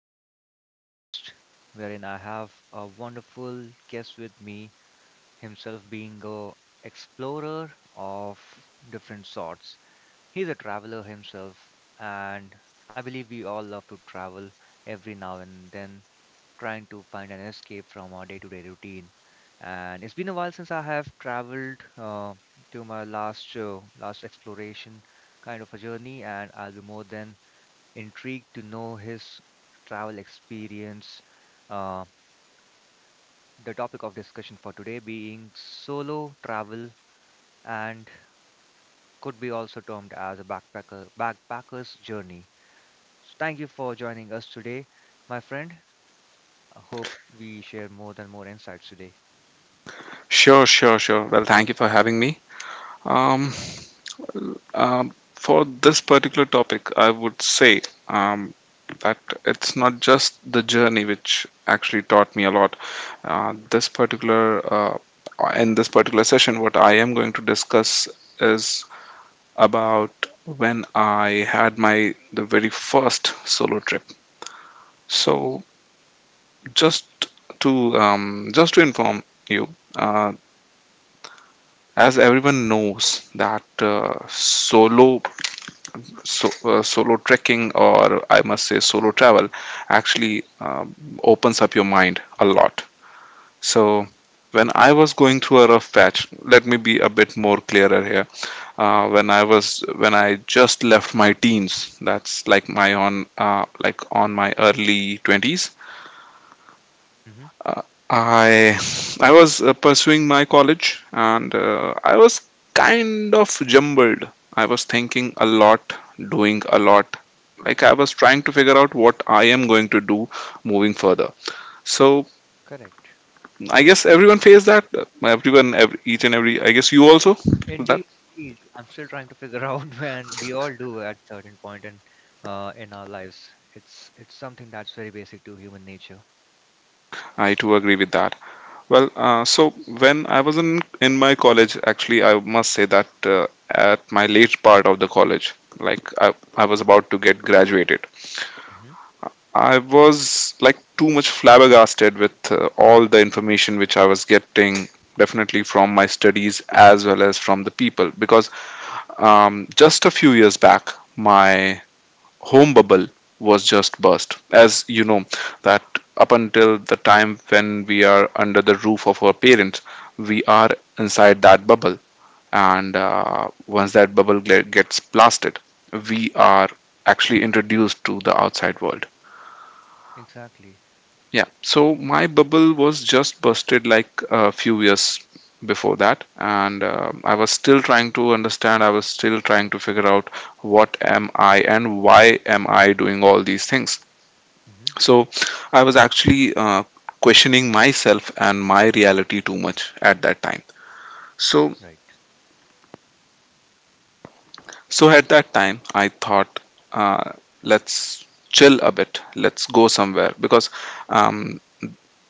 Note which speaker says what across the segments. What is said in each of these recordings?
Speaker 1: Another podcast, wherein I have a wonderful guest with me, himself being a explorer of different sorts. He's a traveler himself, and I believe we all love to travel every now and then, trying to find an escape from our day-to-day routine. And it's been a while since I have traveled to my last exploration kind of a journey, and I'll be more than intrigued to know his travel experience. Uh, the topic of discussion for today being solo travel and could be also termed as a backpacker's journey. So thank you for joining us today, my friend. I hope we share more than more insights today.
Speaker 2: Sure, sure, sure. Well, thank you for having me. Um, for this particular topic, I would say um, that it's not just the journey which actually taught me a lot. This particular in this particular session, what I am going to discuss is about when I had my the very first solo trip. So just just to inform you, uh, as everyone knows that solo trekking, or I must say solo travel, actually opens up your mind a lot. So when I was going through a rough patch, let me be a bit more clearer here. Uh, when i was when I just left my teens, that's like my on like on my early 20s.
Speaker 1: Hmm.
Speaker 2: Uh, I I was pursuing my college, and I was kind of jumbled. I was thinking a lot, doing a lot. Like I was trying to figure out what I am going to do moving further. So
Speaker 1: Correct.
Speaker 2: I guess everyone faced that. Each and every. I guess you also with that.
Speaker 1: Indeed, indeed. I'm still trying to figure out when we all do at certain point and in our lives. It's something that's very basic to human nature.
Speaker 2: I too agree with that. Well, so when I was in my college, actually, I must say that uh, at my late part of the college, like I, I was about to get graduated.
Speaker 1: Hmm.
Speaker 2: I was like too much flabbergasted with all the information which I was getting, definitely from my studies as well as from the people. Because just a few years back, my home bubble was just burst. As you know, that up until the time when we are under the roof of our parents, we are inside that bubble. And once that gets blasted, we are actually introduced to the outside world.
Speaker 1: Exactly.
Speaker 2: Yeah, so my bubble was just busted like a few years before that, and I was still trying to understand. I was still trying to figure out what am I and why am I doing all these things.
Speaker 1: Hmm.
Speaker 2: So I was actually questioning myself and my reality too much at that time. So
Speaker 1: Right.
Speaker 2: so at that time I thought, uh, let's chill a bit, let's go somewhere, because um,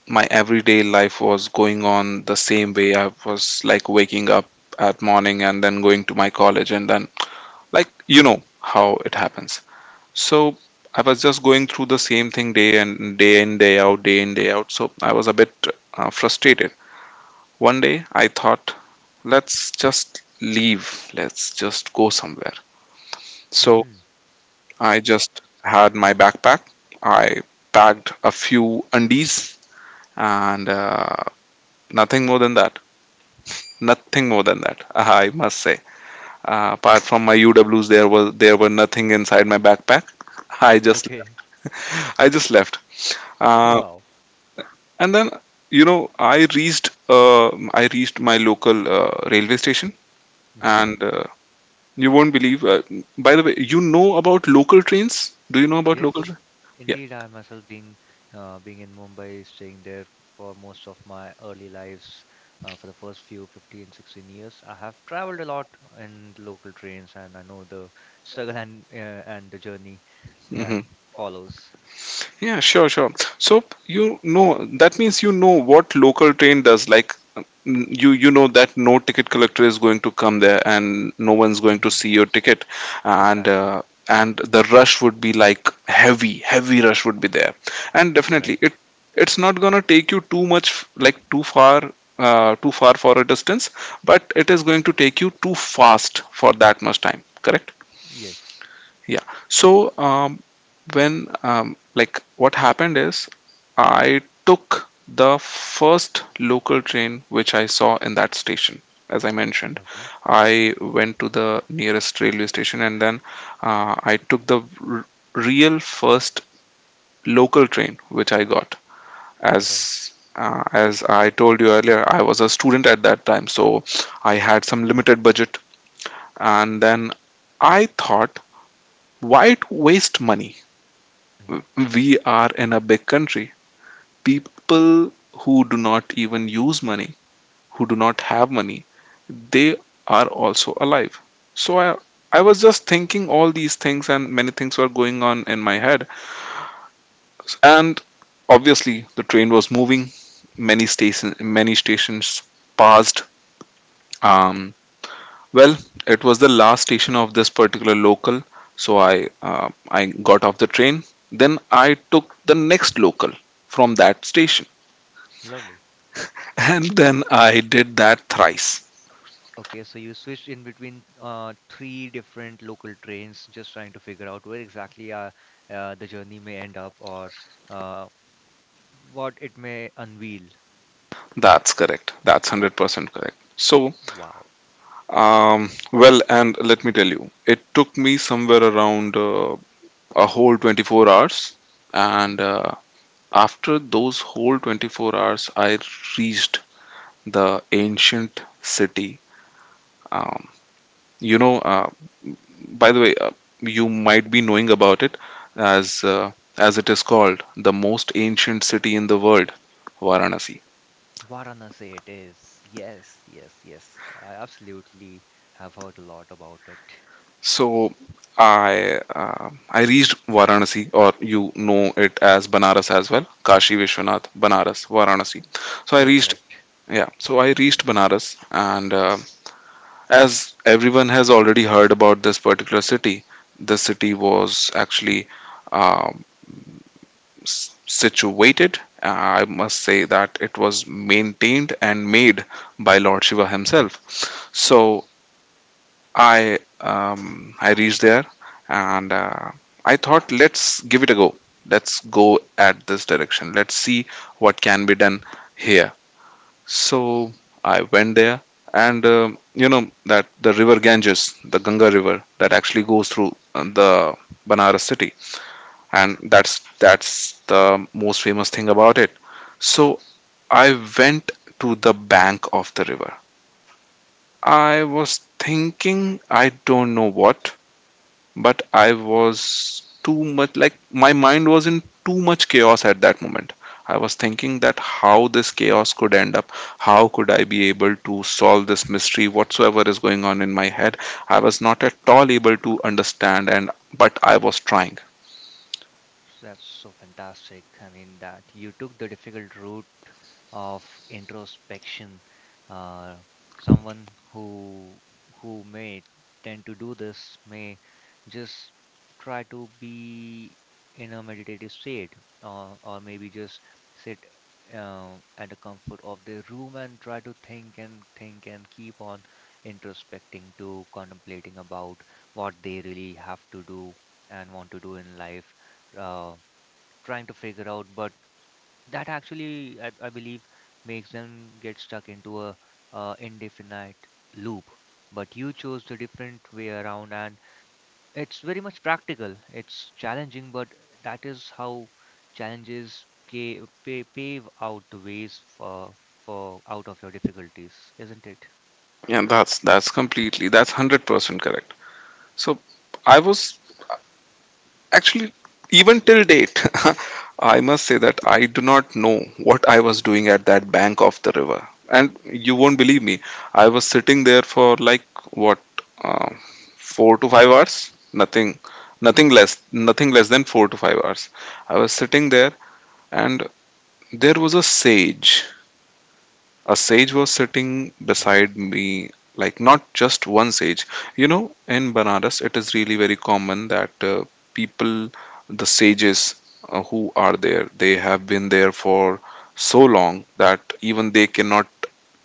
Speaker 2: my everyday life was going on the same way. I was like waking up at morning and then going to my college and then, like, you know how it happens. So I was just going through the same thing day and day in day out, day in day out. So I was a bit frustrated. One day I thought, let's just leave. Let's just go somewhere. So
Speaker 1: Hmm.
Speaker 2: I just had my backpack. I packed a few undies and nothing more than that. Nothing more than that, I must say. Apart from my UWs, there were nothing inside my backpack. I just
Speaker 1: Okay.
Speaker 2: left. I just left. Uh,
Speaker 1: Wow.
Speaker 2: and then, you know, I reached my local railway station,
Speaker 1: Hmm.
Speaker 2: and you won't believe. By the way, you know about local trains? Do you know about local
Speaker 1: Yes,
Speaker 2: trains? Yeah.
Speaker 1: indeed. I myself being in Mumbai, staying there for most of my early lives, for the first few 15, 16 years, I have traveled a lot in the local trains, and I know the struggle and the journey that
Speaker 2: Mm-hmm.
Speaker 1: follows.
Speaker 2: Yeah, sure, sure. So you know that, means you know what local train does. Like, mm, you know that no ticket collector is going to come there, and no one's going to
Speaker 1: Indeed.
Speaker 2: see your ticket, and
Speaker 1: Exactly.
Speaker 2: uh, and the rush would be like heavy, heavy rush would be there, and definitely it
Speaker 1: Right.
Speaker 2: it's not gonna take you too much, like too far. Too far for a distance, but it is going to take you too fast for that much time. Correct?
Speaker 1: Yes.
Speaker 2: Yeah. So when like what happened is I took the first local train which I saw in that station. As I mentioned,
Speaker 1: Okay.
Speaker 2: I went to the nearest railway station, and then I took the r- real first local train which I got.
Speaker 1: All right.
Speaker 2: As I told you earlier, I was a student at that time, so I had some limited budget. And then I thought, why to waste money?
Speaker 1: Mm-hmm.
Speaker 2: We are in a big country. People who do not even use money, who do not have money, they are also alive. So I
Speaker 1: Yep.
Speaker 2: was just thinking all these things, and many things were going on in my head. And obviously, the train was moving. Many stations passed. Um, well, it was the last station of this particular local, so I got off the train. Then I
Speaker 1: Hmm.
Speaker 2: took the next local from that station.
Speaker 1: Lovely.
Speaker 2: And then I did that thrice.
Speaker 1: Okay, so you switched in between three different local trains, just trying to figure out where exactly the journey may end up or uh, what it may unveil.
Speaker 2: That's correct. That's 100% correct. So,
Speaker 1: Wow.
Speaker 2: well, and let me tell you, it took me somewhere around a whole 24 hours.
Speaker 1: Mhm.
Speaker 2: And after those whole 24 hours, I reached the ancient city. Um, you know, by the way, you might be knowing about it as uh, as it is called the most ancient city in the world, Varanasi.
Speaker 1: Varanasi it is. Yes, yes, yes. I absolutely have heard a lot about it.
Speaker 2: So I reached Varanasi, or you know it as Banaras as well, Kashi Vishwanath, Banaras, Varanasi. So I
Speaker 1: You're
Speaker 2: reached,
Speaker 1: correct.
Speaker 2: yeah. So I reached Banaras, and as everyone has already heard about this particular city, the city was actually um, situated. I must say that it was maintained and made by Lord Shiva himself. So I
Speaker 1: Wow.
Speaker 2: reached there and I thought, let's give it a go. Let's go at this direction. Let's see what can be done here. So I went there, and you know that the river Ganges, the Ganga river, that actually goes through the Banaras city, and that's the most famous thing about it. So I went to the bank of the river. I was thinking I don't know what, but I was too much, like my mind was in too much chaos at that moment. I was thinking that how this chaos could end up, how could I be able to solve this mystery whatsoever is going on in my head. I was not at all able to understand, and but I was trying.
Speaker 1: That's so fantastic. I mean, that you took the difficult route of introspection. Uh, someone who may tend to do this may just try to be in a meditative state, or maybe just sit at the comfort of their room and try to think and keep on introspecting to contemplating about what they really have to do and want to do in life, uh, trying to figure out. But that actually, I believe, makes them get stuck into a, indefinite loop. But you chose the different way around, and it's very much practical, it's challenging, but that is how challenges pave out the ways for out of your difficulties, isn't it?
Speaker 2: Yeah, that's completely that's 100% correct. So I was actually, even till date, I must say that I do not know what I was doing at that bank of the river. And you won't believe me, I was sitting there for like what, uh, four to five hours? Nothing, nothing less, nothing less than four to five hours. I was sitting there, and there was a sage was sitting
Speaker 1: Wow.
Speaker 2: beside me, like not just one sage. You know, in Banaras, it is really very common that people, the sages who are there, they have been there for so long that even they cannot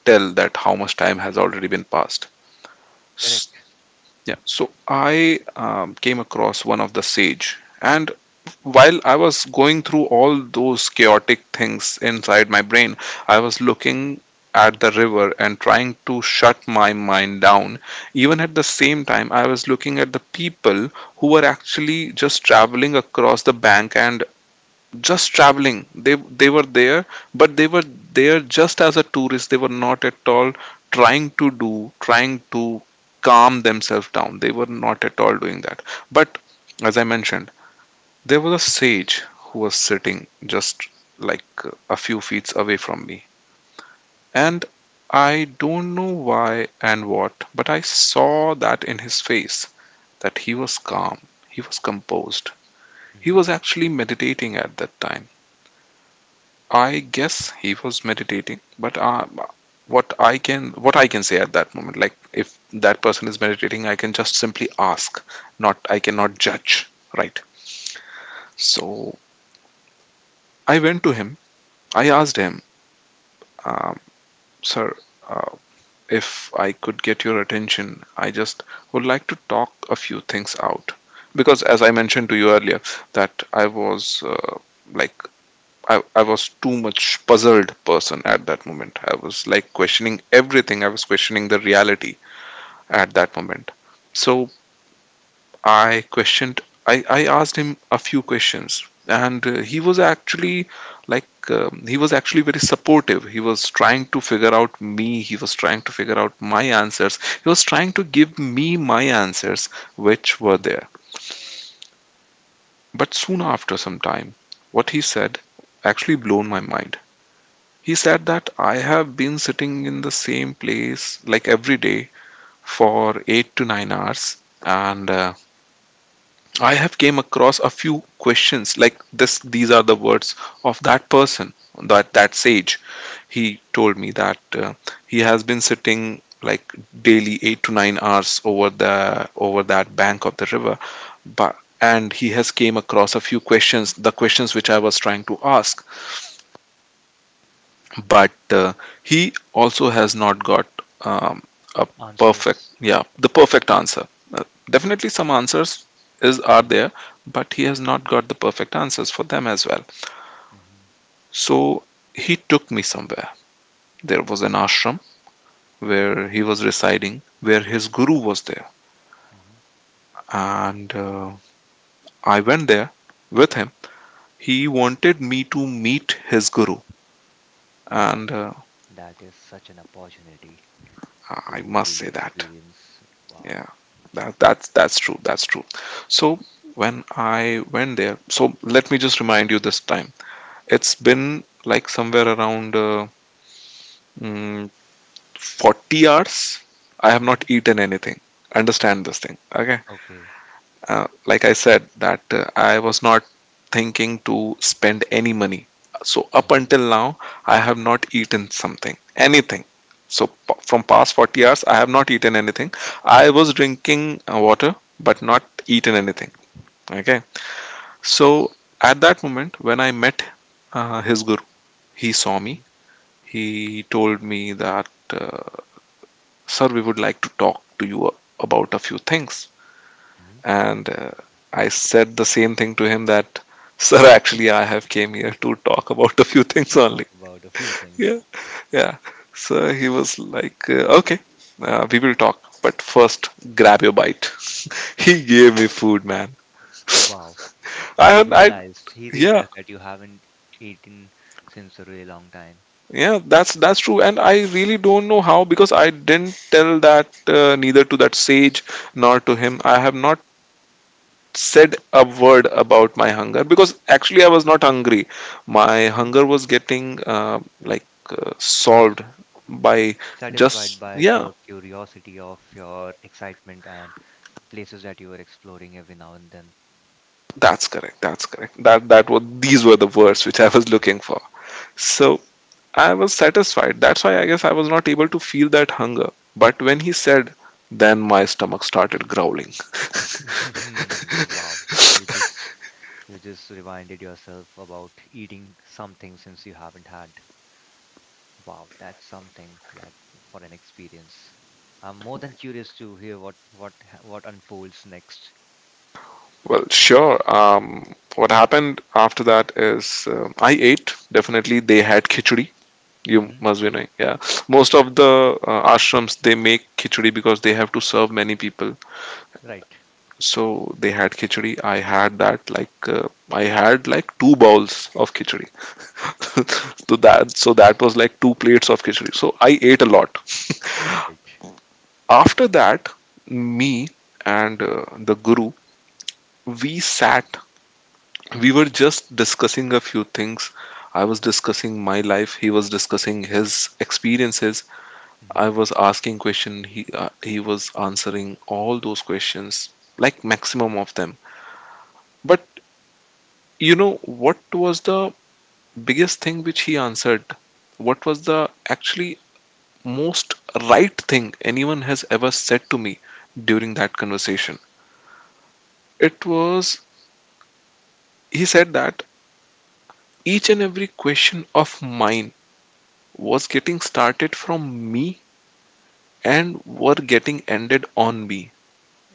Speaker 2: tell that how much time has already been passed. S-
Speaker 1: Correct.
Speaker 2: Yeah, so I came across one of the sage, and while I was going through all those chaotic things inside my brain, I was looking at the river and trying to shut my mind down. Even at the same time, I was looking at the people who were actually just traveling across the bank and just traveling. They were there, but they were there just as a tourist. They were not at all trying to do, trying to calm themselves down. They were not at all doing that. But as I mentioned, there was a sage who was sitting just like a few feet away from me,
Speaker 1: Hmm.
Speaker 2: and I don't know why and what, but I saw that in his face that he was calm, he was composed. He
Speaker 1: Hmm.
Speaker 2: was actually meditating at that time. I guess he was meditating, but what I can say at that moment, like if that person is meditating, I can just simply ask, not I cannot judge, right? So I went to him. I asked him, uh, Sir, uh, if I could get your attention, I just would like to talk a few things out. Because as I mentioned to you earlier, that I was like I was too much puzzled person at that moment. I was like questioning everything. I was questioning the reality at that moment. So I questioned, I asked him a few questions, and he was actually he was actually very supportive. He was trying to figure out me, he was trying to figure out my answers, he was trying to give me my answers, which were
Speaker 1: Hmm.
Speaker 2: there. But soon after some time, what he said actually blown my mind. He said that I have been sitting in the same place like every day for 8 to 9 hours, and I have came across a few questions like this these are the words of that person, that sage. He told me that he has been sitting like daily 8 to 9 hours over the over that bank of the river, but and he has came across a few questions, the questions which I was trying to ask. But he also has not got um, a perfect,
Speaker 1: Answers.
Speaker 2: yeah, the perfect answer. Uh, Definitely some answers is are
Speaker 1: Hmm.
Speaker 2: there, but he has not got the perfect answers for them as well.
Speaker 1: Hmm.
Speaker 2: So he took me somewhere. There was an ashram
Speaker 1: Hmm.
Speaker 2: where he was residing, where his guru was there.
Speaker 1: Hmm.
Speaker 2: And I went there with him. He wanted me to meet his guru.
Speaker 1: Wow,
Speaker 2: And
Speaker 1: that is such an opportunity
Speaker 2: I
Speaker 1: to
Speaker 2: must
Speaker 1: really
Speaker 2: say that.
Speaker 1: experience. Wow.
Speaker 2: Yeah, that's that's true. That's true. So when I went there, so let me just remind you this time. It's been like somewhere around mm, 40 hours. I have not
Speaker 1: Hmm.
Speaker 2: eaten anything. Understand this thing, okay?
Speaker 1: Okay.
Speaker 2: Uh, like I said, that I was not thinking to spend any money. So up
Speaker 1: Hmm.
Speaker 2: until now, I have not eaten something, anything. So from past 40 hours, I have not eaten anything. I was drinking water, but not eaten anything. Okay. So at that moment, when I met his guru, he saw
Speaker 1: Hmm.
Speaker 2: me. He told me that, sir, we would like to talk to you about a few things.
Speaker 1: Hmm.
Speaker 2: And I said the same thing to him that, sir, actually I have came here to talk about a few things
Speaker 1: To talk
Speaker 2: only.
Speaker 1: about a few
Speaker 2: Yeah,
Speaker 1: things.
Speaker 2: yeah. So he was like, okay, we will talk, but first grab your bite. He gave me food, man.
Speaker 1: Wow. He
Speaker 2: I, I,
Speaker 1: realized he
Speaker 2: yeah,
Speaker 1: realized that you haven't eaten since a really long time.
Speaker 2: yeah. That's true, and I really don't know how, because I didn't tell that neither to that sage nor to him. I have not said a word about my hunger, because actually I was not hungry. My
Speaker 1: Hmm.
Speaker 2: hunger was getting solved by,
Speaker 1: Satisfied
Speaker 2: just,
Speaker 1: by
Speaker 2: yeah.
Speaker 1: the curiosity of your excitement and places that you were exploring every now and then.
Speaker 2: That's correct. That's correct. That was, these were the words which I was looking for. So I was satisfied. That's why I guess I was not able to feel that hunger. But when he said, then my stomach started growling.
Speaker 1: Wow. You just you just reminded yourself about eating something since you haven't had. Wow, that's something like for an experience. I'm more than curious to hear what unfolds next.
Speaker 2: Well, sure. What happened after that is, I ate. Definitely, they had khichdi. You
Speaker 1: Hmm.
Speaker 2: must be knowing. Yeah, most of the ashrams, they make khichdi because they have to serve many people.
Speaker 1: Right.
Speaker 2: So they had khichdi. I had that. Like I had like two bowls of khichdi. So that was like two plates of khichdi. So I ate a lot.
Speaker 1: Right.
Speaker 2: After that, me and the guru, we sat, we were just discussing a few things. I was discussing my life. He was discussing his experiences.
Speaker 1: Hmm.
Speaker 2: I was asking question. He was answering all those questions, like maximum of them. But you know what was the biggest thing which he answered? What was the actually most right thing anyone has ever said to me during that conversation? It was, he said that each and every question of mine was getting started from me and were getting ended on me.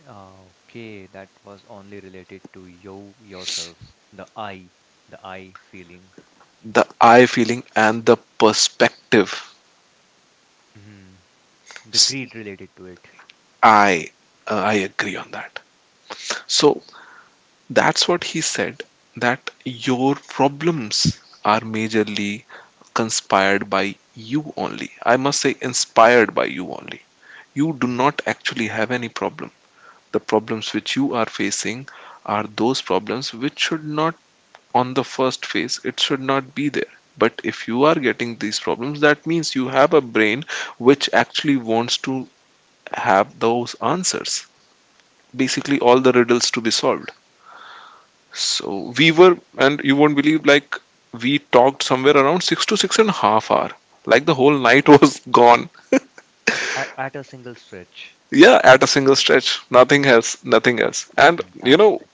Speaker 1: Okay, that was only related to you yourself, the I, the I feeling.
Speaker 2: The I feeling and the perspective.
Speaker 1: hmm the
Speaker 2: See,
Speaker 1: greed related to it.
Speaker 2: I I agree on that. So that's what he said, that your problems are majorly conspired by you only. I must say inspired by you only. You do
Speaker 1: Hmm.
Speaker 2: not actually have any problem. The problems which you are facing are those problems which should not, on the first phase it should not be there, but if you are getting these problems, that means you have a brain which actually wants to have those answers, basically all the riddles to be solved. So we were, and you won't believe, like, we talked somewhere around six to six and a half hour, like the whole night was gone.
Speaker 1: At a single stretch,
Speaker 2: Yeah, at a single stretch, nothing else, nothing else. And you know,
Speaker 1: fantastic.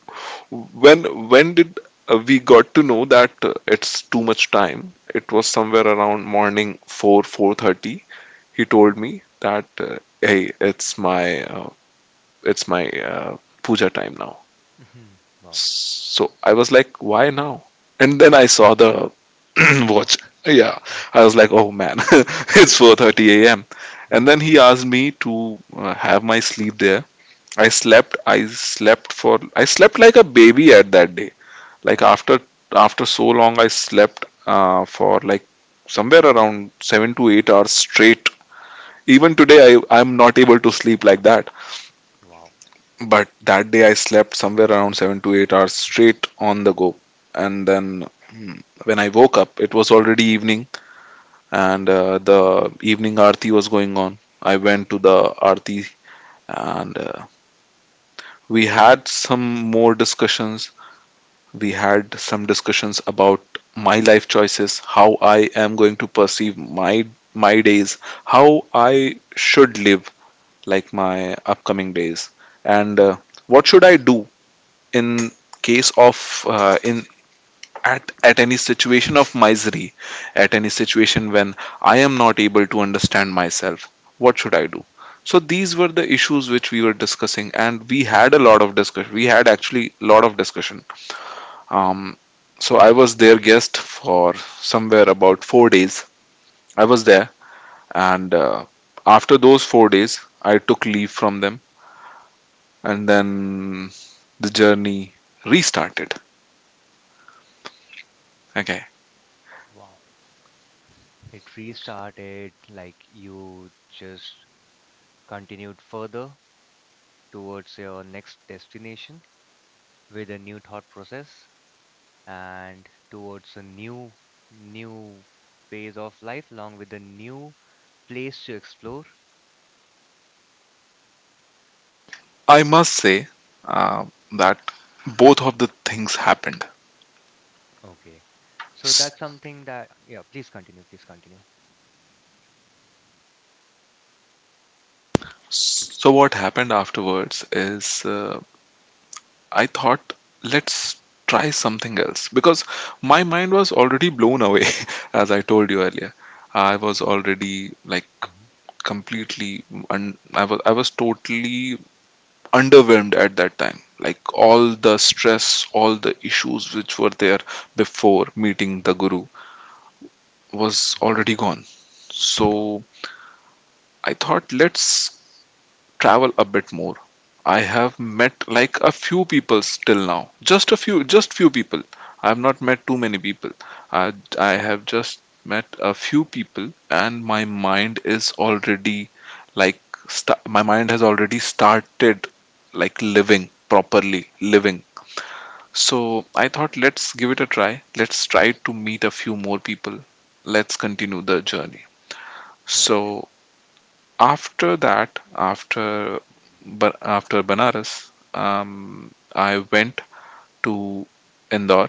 Speaker 2: when when did we got to know that it's too much time? It was somewhere around morning 4, 4:30. He told me
Speaker 1: Hmm.
Speaker 2: that, hey, it's my uh, puja time now.
Speaker 1: Hmm. Wow.
Speaker 2: So I was like, why now? And then I saw the
Speaker 1: Mm,
Speaker 2: watch.
Speaker 1: block.
Speaker 2: Yeah, I was like, oh man, it's 4:30 a.m. And
Speaker 1: You
Speaker 2: then he
Speaker 1: were
Speaker 2: asked me to have my sleep there. I slept i slept for i slept like a baby at that day, like
Speaker 1: right.
Speaker 2: after, after so long, I slept for like somewhere around 7 to 8 hours straight. Even today, I'm not able to sleep like that.
Speaker 1: Wow.
Speaker 2: But that day, I slept somewhere around 7 to 8 hours straight on the go. And then, when I woke up, it was already evening, and the evening aarti was going on. I went to the aarti, and we had some more discussions. We had some discussions about my life choices, how I am going to perceive my days, how I
Speaker 1: Hmm.
Speaker 2: should live, like, my upcoming days, and what should I do in case of in at any situation of misery, at any situation when I am not able to understand myself. What should I do? So
Speaker 1: Right.
Speaker 2: these were the issues which we were discussing, and we had a lot of discussion, we had actually lot of discussion.
Speaker 1: Hmm.
Speaker 2: um, so I was their guest for somewhere about four days. I was there, and after those four days, I took leave from them, and then the journey restarted. Okay,
Speaker 1: Wow. It restarted like you just continued further towards your next destination with a new thought process and towards a new phase of life along with a new place to explore.
Speaker 2: I must say uh, that both of the things happened.
Speaker 1: Okay. So
Speaker 2: S-
Speaker 1: that's something that, yeah, please continue, please continue.
Speaker 2: So what happened afterwards is, uh, I thought, let's try something else, because my mind was already blown away, as I told you earlier. I was already like
Speaker 1: Mhm,
Speaker 2: completely, I was, I was totally underwhelmed at that time. Like all the stress, all the issues which were there before meeting the guru was
Speaker 1: mhm.
Speaker 2: already gone.
Speaker 1: Wow.
Speaker 2: So I thought, let's travel a bit more. I have met like a few people till now. Just a few,
Speaker 1: Mhm.
Speaker 2: just few people. I have not met too many people. I, I have just met a few people, and my mind is already like, sta my mind has already started like living properly, living. So I thought, let's give it a try. Let's try to meet a few more people. Let's continue the journey.
Speaker 1: Right.
Speaker 2: So after that, after Banaras, I went to Indore,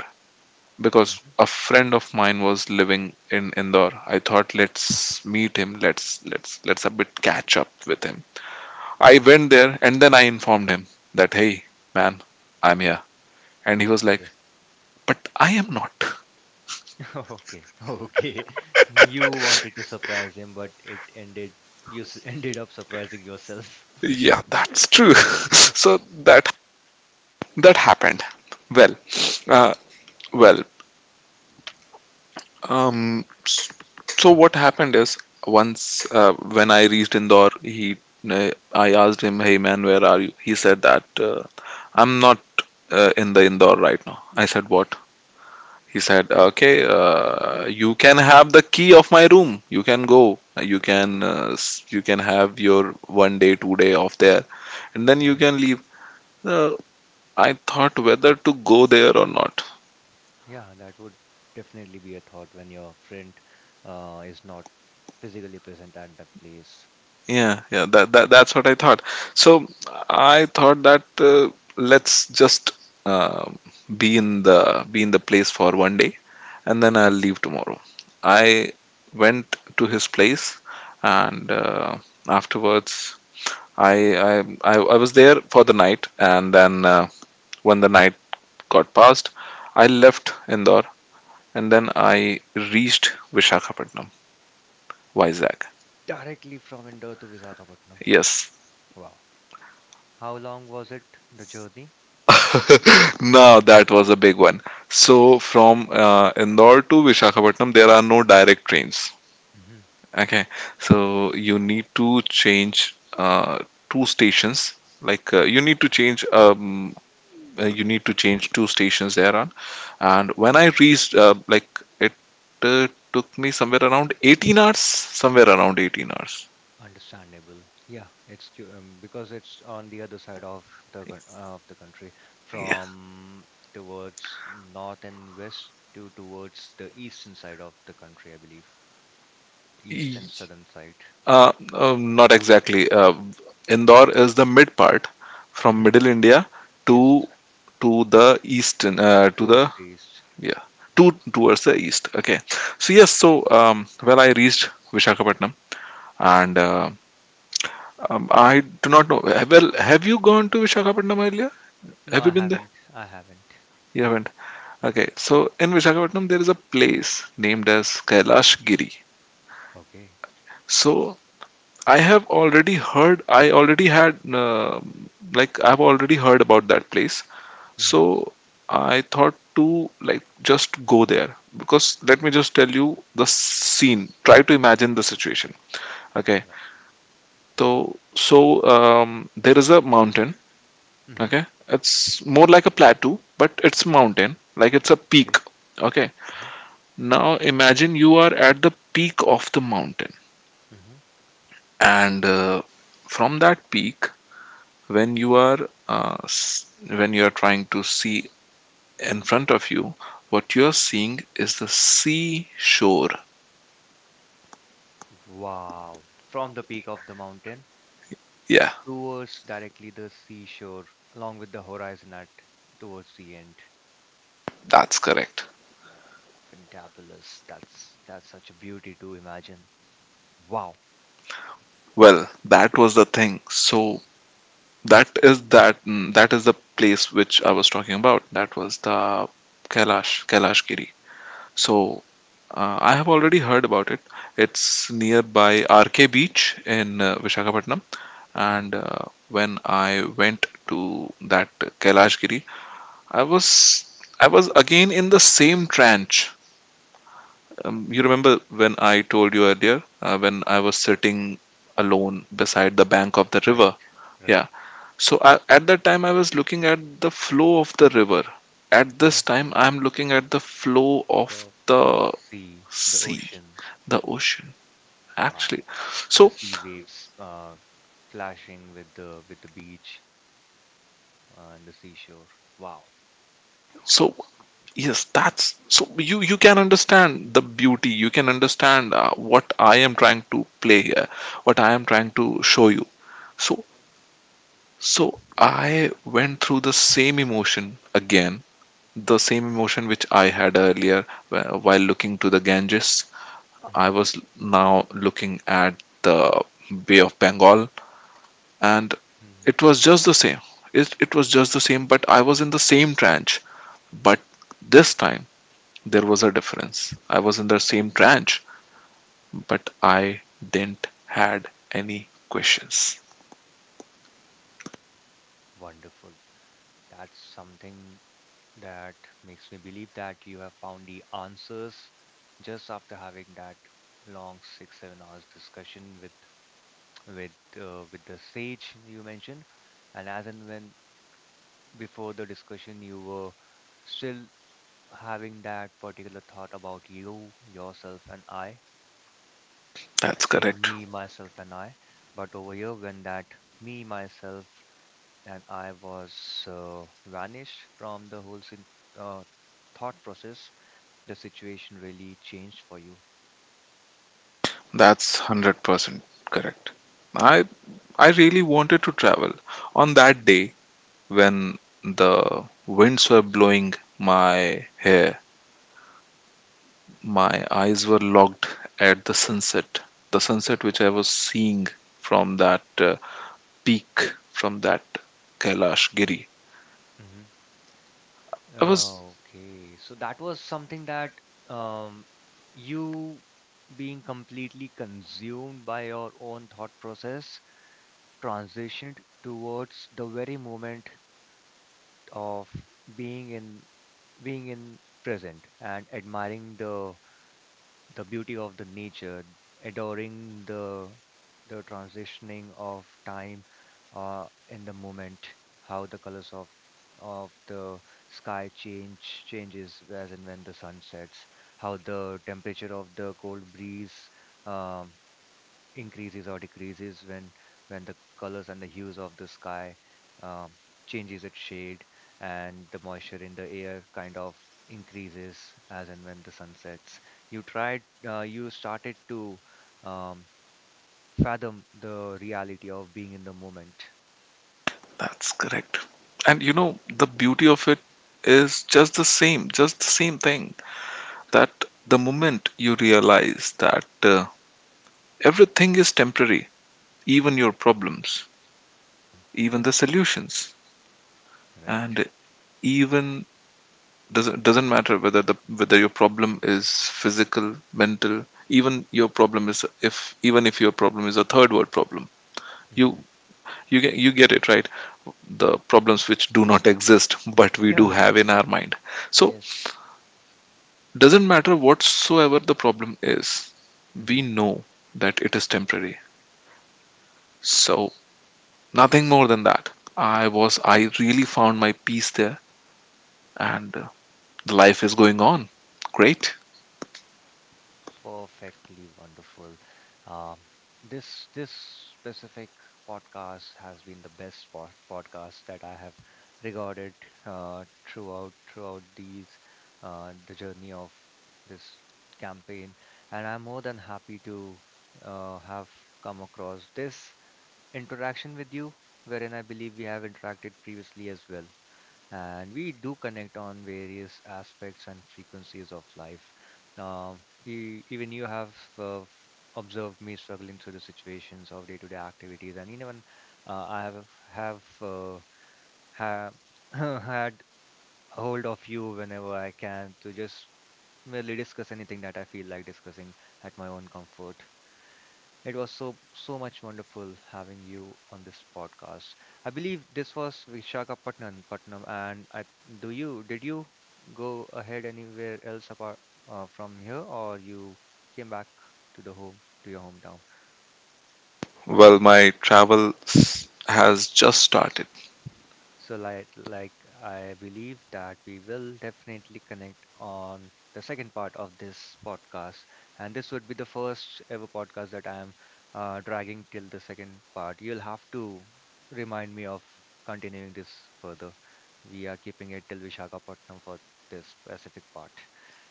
Speaker 2: because
Speaker 1: Mhm,
Speaker 2: a friend of mine was living in Indore. I thought let's meet him, let's a bit catch up with him. I
Speaker 1: mhm.
Speaker 2: went there and then I informed him that, hey man, I'm here, and he was like,
Speaker 1: Okay.
Speaker 2: but I am not.
Speaker 1: Okay. Okay. You wanted to surprise him, but it ended ended up surprising yourself.
Speaker 2: Yeah, that's true. So that, that happened. Well, uh, well, um, so what happened is, once when I reached Indore, he I asked him, "Hey man, where are you?" He said that, I'm not in the Indore right now. I said, "What?" He said, "Okay, you can have the key of my room. You can go. You can you can have your one day, two-day off there, and then you
Speaker 1: Mhm.
Speaker 2: can leave." Uh, I thought whether to go there or not.
Speaker 1: Yeah, that would definitely be a thought when your friend is not physically present at that place.
Speaker 2: Yeah, yeah, that's what I thought. So I thought that, let's just uh, be in the, be in the place for one day, and then
Speaker 1: Mhm.
Speaker 2: I'll leave tomorrow. I went to his place, and afterwards I was there for the night, and then when the night got past, I left Indore, and then I reached Vishakhapatnam, Vizag.
Speaker 1: Directly from Indore to Visakhapatnam.
Speaker 2: Yes,
Speaker 1: Wow. How long was it, the journey?
Speaker 2: no, that was a big one. So from Indore to Vishakhapatnam, there are no direct trains. Okay, so you need to change two stations. Like you need to change, you need to change two stations there on. And when I reached, like it uh, took me somewhere around 18 hours, somewhere around 18 hours.
Speaker 1: Understandable. Yeah, because it's on the other side of of the country,
Speaker 2: Yeah.
Speaker 1: from towards north and west to towards the eastern side of the country, I believe. East and
Speaker 2: E-
Speaker 1: southern side.
Speaker 2: Uh, Not exactly. Indore is the mid part, from
Speaker 1: Hmm.
Speaker 2: middle India to
Speaker 1: Yes,
Speaker 2: to the east, to
Speaker 1: towards
Speaker 2: the
Speaker 1: the east.
Speaker 2: yeah,
Speaker 1: Mm.
Speaker 2: to, towards the east. Okay, so yes, so um, well, I reached Vishakhapatnam, and um, I do not know, well, have you gone to Vishakhapatnam earlier?
Speaker 1: No,
Speaker 2: Have
Speaker 1: I
Speaker 2: you been there?
Speaker 1: haven't. I haven't.
Speaker 2: You
Speaker 1: No.
Speaker 2: haven't.
Speaker 1: Mm.
Speaker 2: Okay, so in Vishakhapatnam there is a place named as Kailash Giri.
Speaker 1: Okay.
Speaker 2: So I already had, uh, I've already heard about that place. So
Speaker 1: Mm-hmm.
Speaker 2: I thought to, like, just go there, because let me just tell you the scene. Try to imagine the situation. Okay.
Speaker 1: Mm-hmm.
Speaker 2: So, so there is a mountain.
Speaker 1: Mm-hmm.
Speaker 2: Okay. It's more like a plateau, but it's mountain. Like it's a peak.
Speaker 1: Okay.
Speaker 2: Okay.
Speaker 1: Mm-hmm.
Speaker 2: Now imagine you are at the peak of the mountain,
Speaker 1: Mm-hmm.
Speaker 2: and from that peak, when you are when you are trying to see in front of you, what you're seeing is the seashore.
Speaker 1: Wow. From the peak of the mountain,
Speaker 2: Yeah,
Speaker 1: towards directly the seashore along with the horizon at towards the end.
Speaker 2: that's correct.
Speaker 1: Fantabulous. That's such a beauty to imagine. Wow.
Speaker 2: Well, that was the thing. So that is the place which I was talking about. That was the Kailash, Kailash Giri. So I have already heard about it. It's nearby RK Beach in Visakhapatnam,
Speaker 1: Mhm.
Speaker 2: and when I went to that Kailash Giri, I was I was again in the same trench. You remember when I told you earlier, when I was sitting alone beside the bank of the
Speaker 1: Right.
Speaker 2: river?
Speaker 1: Right.
Speaker 2: Yeah. So I, at that time, I was looking at the flow of the river. At
Speaker 1: Mhm.
Speaker 2: this time, I'm looking at the flow of
Speaker 1: So the
Speaker 2: the
Speaker 1: sea, the
Speaker 2: sea,
Speaker 1: ocean.
Speaker 2: the ocean, actually.
Speaker 1: Wow. The
Speaker 2: So,
Speaker 1: sea waves clashing with the beach, and the seashore. Wow.
Speaker 2: so yes, that's, so you can understand the beauty. You can understand what I am trying to play here, what I am trying to show you. So, so I went through the same emotion again, the same emotion which I had earlier while looking to the Ganges. I
Speaker 1: Mhm.
Speaker 2: was now looking at the Bay of Bengal, and
Speaker 1: Mhm.
Speaker 2: it was just
Speaker 1: Wow.
Speaker 2: the same. It was just the same, but I was in the same trench. But this time there was a difference. I was in the same trench, but I didn't had any questions.
Speaker 1: Wonderful. That's something. That makes me believe that you have found the answers just after having that long 6, 7 hours discussion with with the sage you mentioned, and as and when before the discussion you were still having that particular thought about you, yourself, and I,
Speaker 2: That's
Speaker 1: saying
Speaker 2: correct.
Speaker 1: me, myself, and I. But over here, when that me, myself, and I was vanished from the whole uh, thought process, the situation really changed for you?
Speaker 2: That's 100% correct. I I really wanted to travel. On that day when the winds were blowing my hair, my eyes were locked at the sunset. The sunset which I was seeing from that peak, from that Kailash Giri.
Speaker 1: Hmm.
Speaker 2: I was,
Speaker 1: Okay, so that was something that, um, you being completely consumed by your own thought process, transitioned towards the very moment of being in being in present, and admiring the beauty of the nature, adoring the transitioning of time, in the moment, how the colors of the sky changes as and when the sun sets, how the temperature of the cold breeze um, increases or decreases, when the colors and the hues of the sky um, changes its shade, and the moisture in the air kind of increases as and when the sun sets, you tried you started to, um, fathom the reality of being in the moment.
Speaker 2: that's correct. And you know, the beauty of it is just the same thing, that the moment you realize that, everything is temporary, even your problems, even
Speaker 1: Yeah.
Speaker 2: the solutions,
Speaker 1: Right.
Speaker 2: and even, doesn't matter whether your problem is physical, mental, even your problem is, if even if your problem is a third world problem, you
Speaker 1: Hmm.
Speaker 2: you get, you get it right, the problems which do not exist but we do
Speaker 1: Yeah.
Speaker 2: have in our mind, so
Speaker 1: Yes.
Speaker 2: doesn't matter whatsoever the problem is, we
Speaker 1: Hmm.
Speaker 2: know that it is temporary. So nothing more than that. I really found my peace there, and life is going on great.
Speaker 1: Perfectly wonderful. Um, this specific podcast has been the best podcast that I have recorded, throughout, throughout the journey of this campaign, and I'm more than happy to, have come across this interaction with you, wherein I believe we have interacted previously as well, and we do connect on various aspects and frequencies of life. Um, even you have observed me struggling through the situations of day-to-day activities, and even, I have ha had hold of you whenever I can to just merely discuss anything that I feel like discussing at my own comfort. It was so, so much wonderful having you on this podcast. I believe this was Vishakhapatnam, and I, do you did you go ahead anywhere else apart, from here, or you came back to your hometown?
Speaker 2: Well, my travel has just started.
Speaker 1: So like, I believe that we will definitely connect on the second part of this podcast, and this would be the first ever podcast that I am, dragging till the second part. You'll have to remind me of continuing this further. We are keeping it till Vishakhapatnam for this specific part.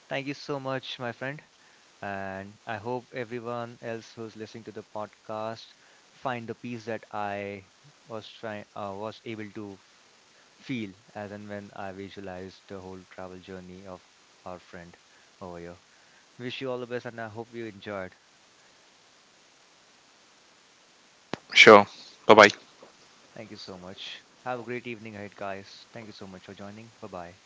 Speaker 1: Thank you so much, my friend, and I hope everyone else who's listening to the podcast find the peace that I was able to feel as and when I visualized the whole travel journey of our friend over here. Wish you all the best, and I hope you enjoyed.
Speaker 2: Sure. Bye bye.
Speaker 1: Thank you so much. Have a great evening ahead, guys. Thank you so much for joining. Bye bye.